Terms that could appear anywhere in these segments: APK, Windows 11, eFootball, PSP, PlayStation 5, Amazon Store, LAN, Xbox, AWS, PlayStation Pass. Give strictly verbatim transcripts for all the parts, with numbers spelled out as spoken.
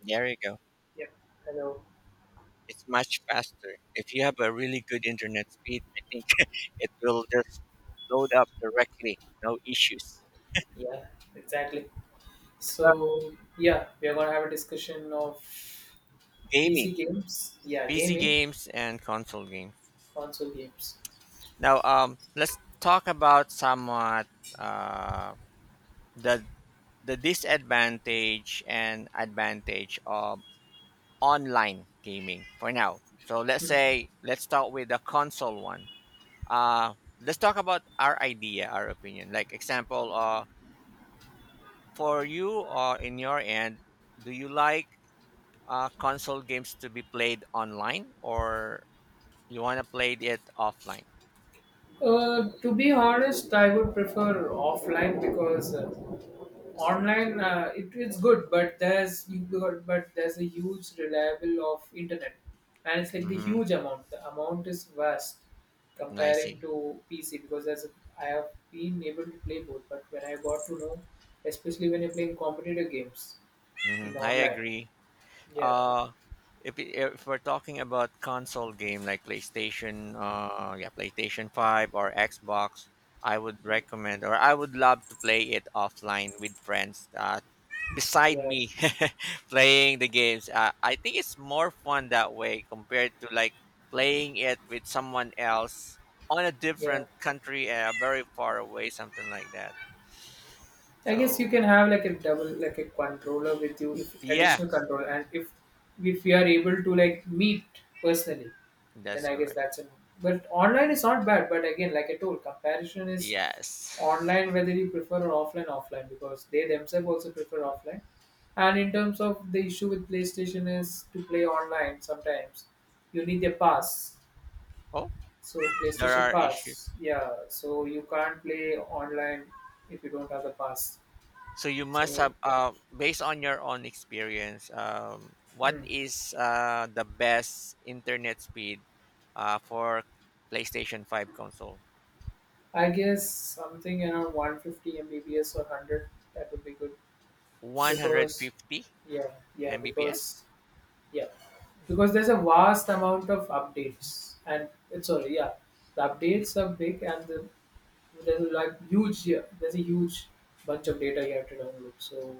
There you go. Yeah. Hello. It's much faster. If you have a really good internet speed, I think it will just load up directly. No issues. Yeah. Exactly. So, So yeah, we are gonna have a discussion of gaming, P C games. Yeah, P C gaming games, and console games. console games. Now, um, let's talk about somewhat uh, the the disadvantage and advantage of online gaming for now. So let's say let's start with the console one. Uh, let's talk about our idea, our opinion. Like example, uh, for you or in your end, do you like uh, console games to be played online or you want to play it offline? Uh, to be honest, I would prefer offline because uh, online, uh, it, it's good, but there's you got- but there's a huge reliable of internet, and it's like the Mm-hmm. huge amount. The amount is vast I comparing see. to P C because as I have been able to play both, but when I got to know, especially when you're playing competitive games Hmm, in I online, agree. yeah, Uh, if it- if we're talking about console game like PlayStation, uh, yeah, PlayStation Five or Xbox, I would mm, recommend or I would love to play it offline with friends. Uh, beside yeah, me playing the games uh, I think it's more fun that way compared to like playing it with someone else on a yeah. different country uh, very far away something like that, I guess you can so have like a double, like a controller with you, if yeah, additional controller, and if if you are able to like meet personally, then that's I guess correct. that's a no. But online is not bad. But again, like I told, comparison is Yes. online whether you prefer or offline, offline, because they themselves also prefer offline. And in terms of the issue with PlayStation is to play online sometimes you need a pass. Oh, So there PlayStation are issues. Pass, yeah. So you can't play online if you don't have the pass. So you must So have, uh, based on your own experience, um, what Hmm. is uh, the best internet speed uh, for PlayStation five console? I guess something around one hundred fifty Mbps or one hundred, that would be good because one hundred fifty yeah, yeah, because Mbps? yeah, because there's a vast amount of updates and it's, sorry, yeah, the updates are big, and the, there's a like huge yeah, there's a huge bunch of data you have to download, so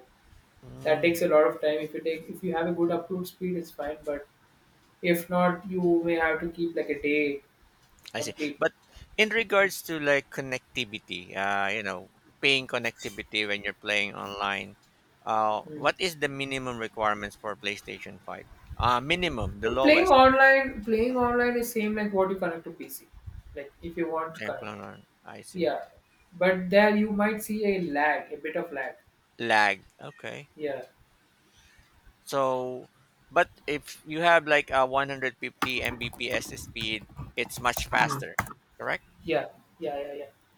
that takes Mm, a lot of time. If you take if you have a good upload speed it's fine, but if not you may have to keep like a day I see. complete But in regards to like connectivity, uh, you know, paying connectivity when you're playing online, uh, Hmm. what is the minimum requirements for PlayStation five? Uh, minimum, the Playing lowest. online, playing online is same like what you connect to P C. Like if you want to Sample connect, on- I see. yeah. But there you might see a lag, a bit of lag. Lag. Okay. Yeah, So, but if you have like a one fifty Mbps speed, it's much faster, correct? yeah, yeah, yeah, yeah.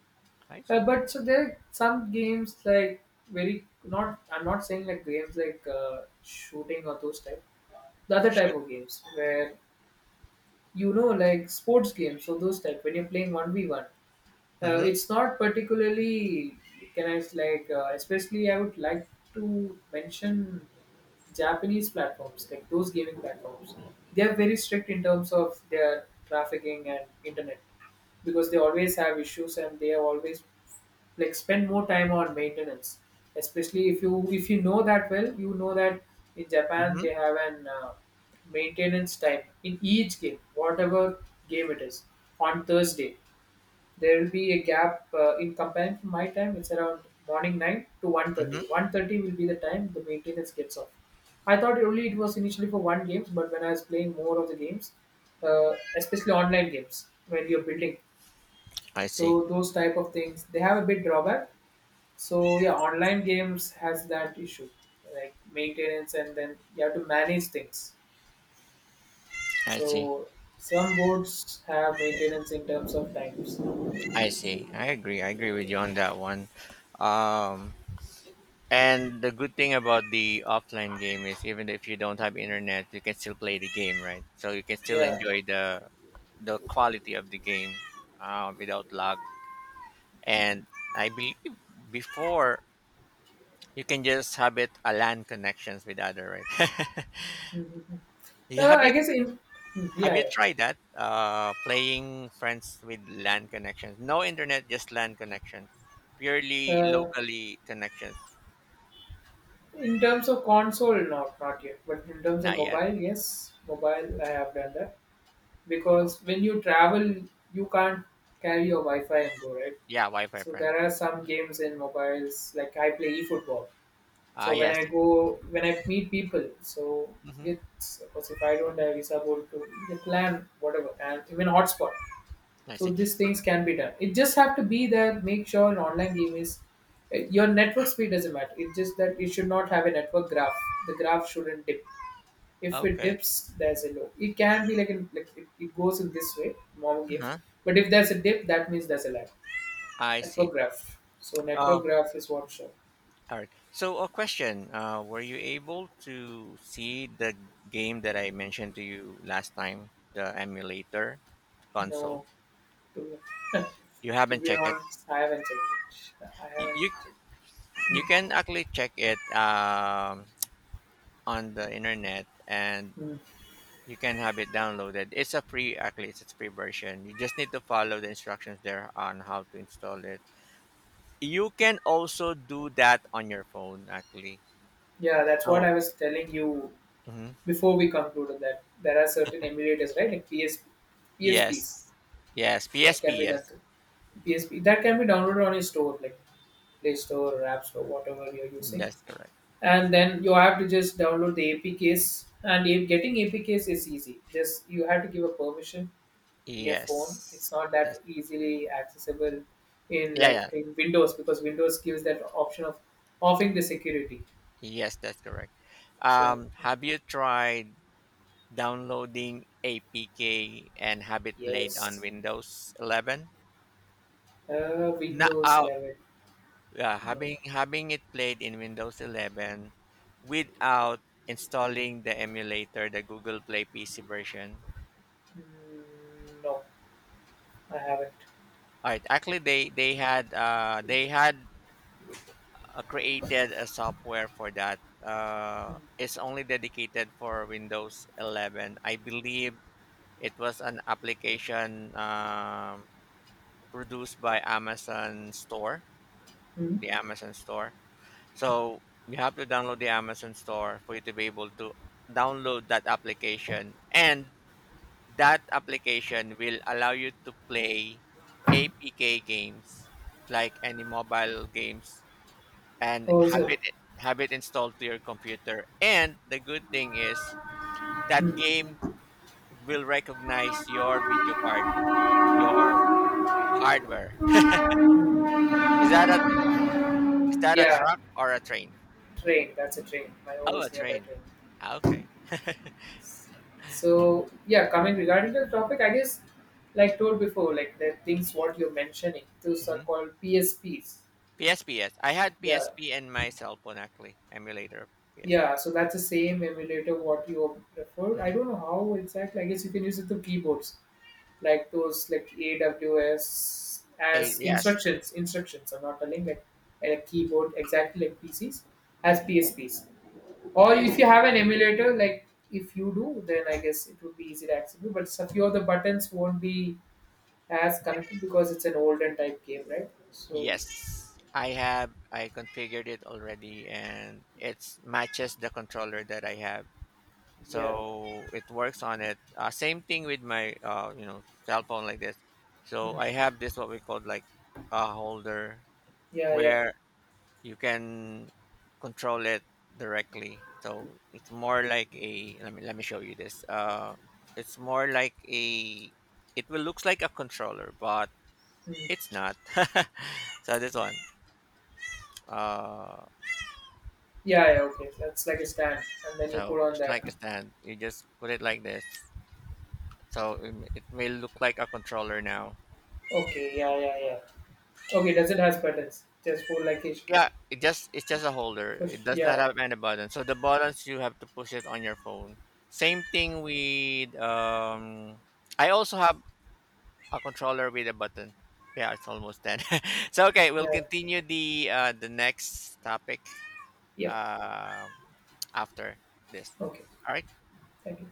I Uh, see. But so there are some games like very not. I'm not saying like games like uh, shooting or those type. The other type Shoot. of games where you know like sports games. So those type when you're playing one v one. Uh, Mm-hmm. It's not particularly can I s- like, uh, especially I would like to mention Japanese platforms like those gaming platforms. They are very strict in terms of their trafficking and internet because they always have issues and they are always like spend more time on maintenance. Especially if you if you know that well, you know that in Japan Mm-hmm. they have an uh, maintenance time in each game, whatever game it is, on Thursday there will be a gap, uh, in comparing to my time it's around morning nine to one Mm-hmm. thirty. One thirty will be the time the maintenance gets off. I thought only it was initially for one games, but when I was playing more of the games, uh, especially online games when you're building, I see. so those type of things they have a bit drawback. So yeah, online games has that issue, like maintenance, and then you have to manage things. I see. So some boards have maintenance in terms of times, I see. I agree. I agree with you on that one. Um, and the good thing about the offline game is even if you don't have internet, you can still play the game, right? So you can still enjoy the the quality of the game uh, without lag. And I believe before you can just have it a LAN connections with other, right? yeah. Yeah, Uh, have I you guess in, have you yeah, tried that? Uh, playing friends with LAN connections. No internet, just LAN connections. yeah. Purely Uh, locally connections. In terms of console, not not yet, but in terms of Not yet. mobile, yes, mobile I have done that because when you travel, you can't carry your Wi-Fi and go, right. Yeah, Wi-Fi So friend. there are some games in mobiles, like I play eFootball. Ah, So when yes. I go, when I meet people, so Mm-hmm. it's suppose if I don't have visa, go to the plan whatever, and even hotspot. I So see. these things can be done. It just have to be there. Make sure an online game is, eh, your network speed doesn't matter. It's just that it should not have a network graph. The graph shouldn't dip. If it Okay. dips, there's a low. It can be like, in, like it, it goes in this way, normal games. Uh-huh. But if there's a dip, that means there's a lag. I Network see. graph. So network Um, graph is what show. all right. So, a question. Uh, were you able to see the game that I mentioned to you last time, the emulator, the console? No, to be, You to haven't be checked it. honest, I haven't checked it. I You, you haven't. Checked. Hmm. You can actually check it um, on the internet and Hmm. you can have it downloaded. It's a free, actually, it's a free version. You just need to follow the instructions there on how to install it. You can also do that on your phone, actually. Yeah, that's what So, I was telling you. mhm. Before we concluded that there are certain emulators, right? Like P S, P S Ps Yes, yes, that can P S P, be done yes, to P S P that can be downloaded on your store, like Play Store or App Store, whatever you're using. that's correct. And then you have to just download the A P Ks. And if getting A P Ks is easy. Just you have to give a permission in your phone. Yes, It's not that that's, easily accessible in, yeah, like, yeah, in Windows because Windows gives that option of offing the security. yes, that's correct. So Um, have you tried downloading A P K and have it played on yes, Windows eleven. uh, Windows Now, eleven. yeah, No. having having it played in Windows eleven without installing the emulator, the Google Play P C version. Mm, No, I haven't. All right, actually, they they had uh, they had uh, created a software for that. Uh, it's only dedicated for Windows eleven. I believe it was an application um produced by Amazon Store, Mm-hmm. the Amazon store. So you have to download the Amazon store for you to be able to download that application, and that application will allow you to play A P K games like any mobile games and Oh, have so it have it installed to your computer. And the good thing is that game will recognize your video card, your hardware. Is that a is that a yeah, truck or a train? train. That's a train. My home Oh, a is nearby train. train. Ah, okay. So yeah, coming regarding the topic, I guess like told before, like the things what you're mentioning, those are Mm-hmm. called P S Ps. P S P, yes. I had Yeah, P S P and my cell phone actually, emulator of P S P. yeah. So that's the same emulator what you referred. I Hmm. don't know how exactly. I guess you can use it through keyboards. Like those like A W S Eh, as yes, instructions, instructions, are not running like, and a keyboard exactly like P Cs as P S Ps. Or if yes, you have an emulator, like if you do, then I guess it would be easy to accessible. But a few of the buttons won't be as connected because it's an older type game, right? So yes. I have. I configured it already, and it matches the controller that I have, yeah, so it works on it. Uh, same thing with my, uh, you know, cell phone like this. So Mm. I have this what we call like a holder Yeah, yeah, where you can control it directly. So it's more like a let me let me show you this. Uh, it's more like a it will looks like a controller, but Mm. it's not. So this one, uh, Yeah, yeah. Okay, that's like a stand, and then you put so on it's like that. a stand. You just put it like this. So it m- it may look like a controller now. Okay, yeah, yeah, yeah. Okay, does it has buttons? Just for like a Yeah, it just it's just a holder. push? It does not Yeah, have any button. So the buttons you have to push it on your phone. Same thing with um. I also have a controller with a button. Yeah, it's almost ten. So okay, we'll yeah. continue the uh, the next topic Yeah, uh, after this. okay, All right. thank you.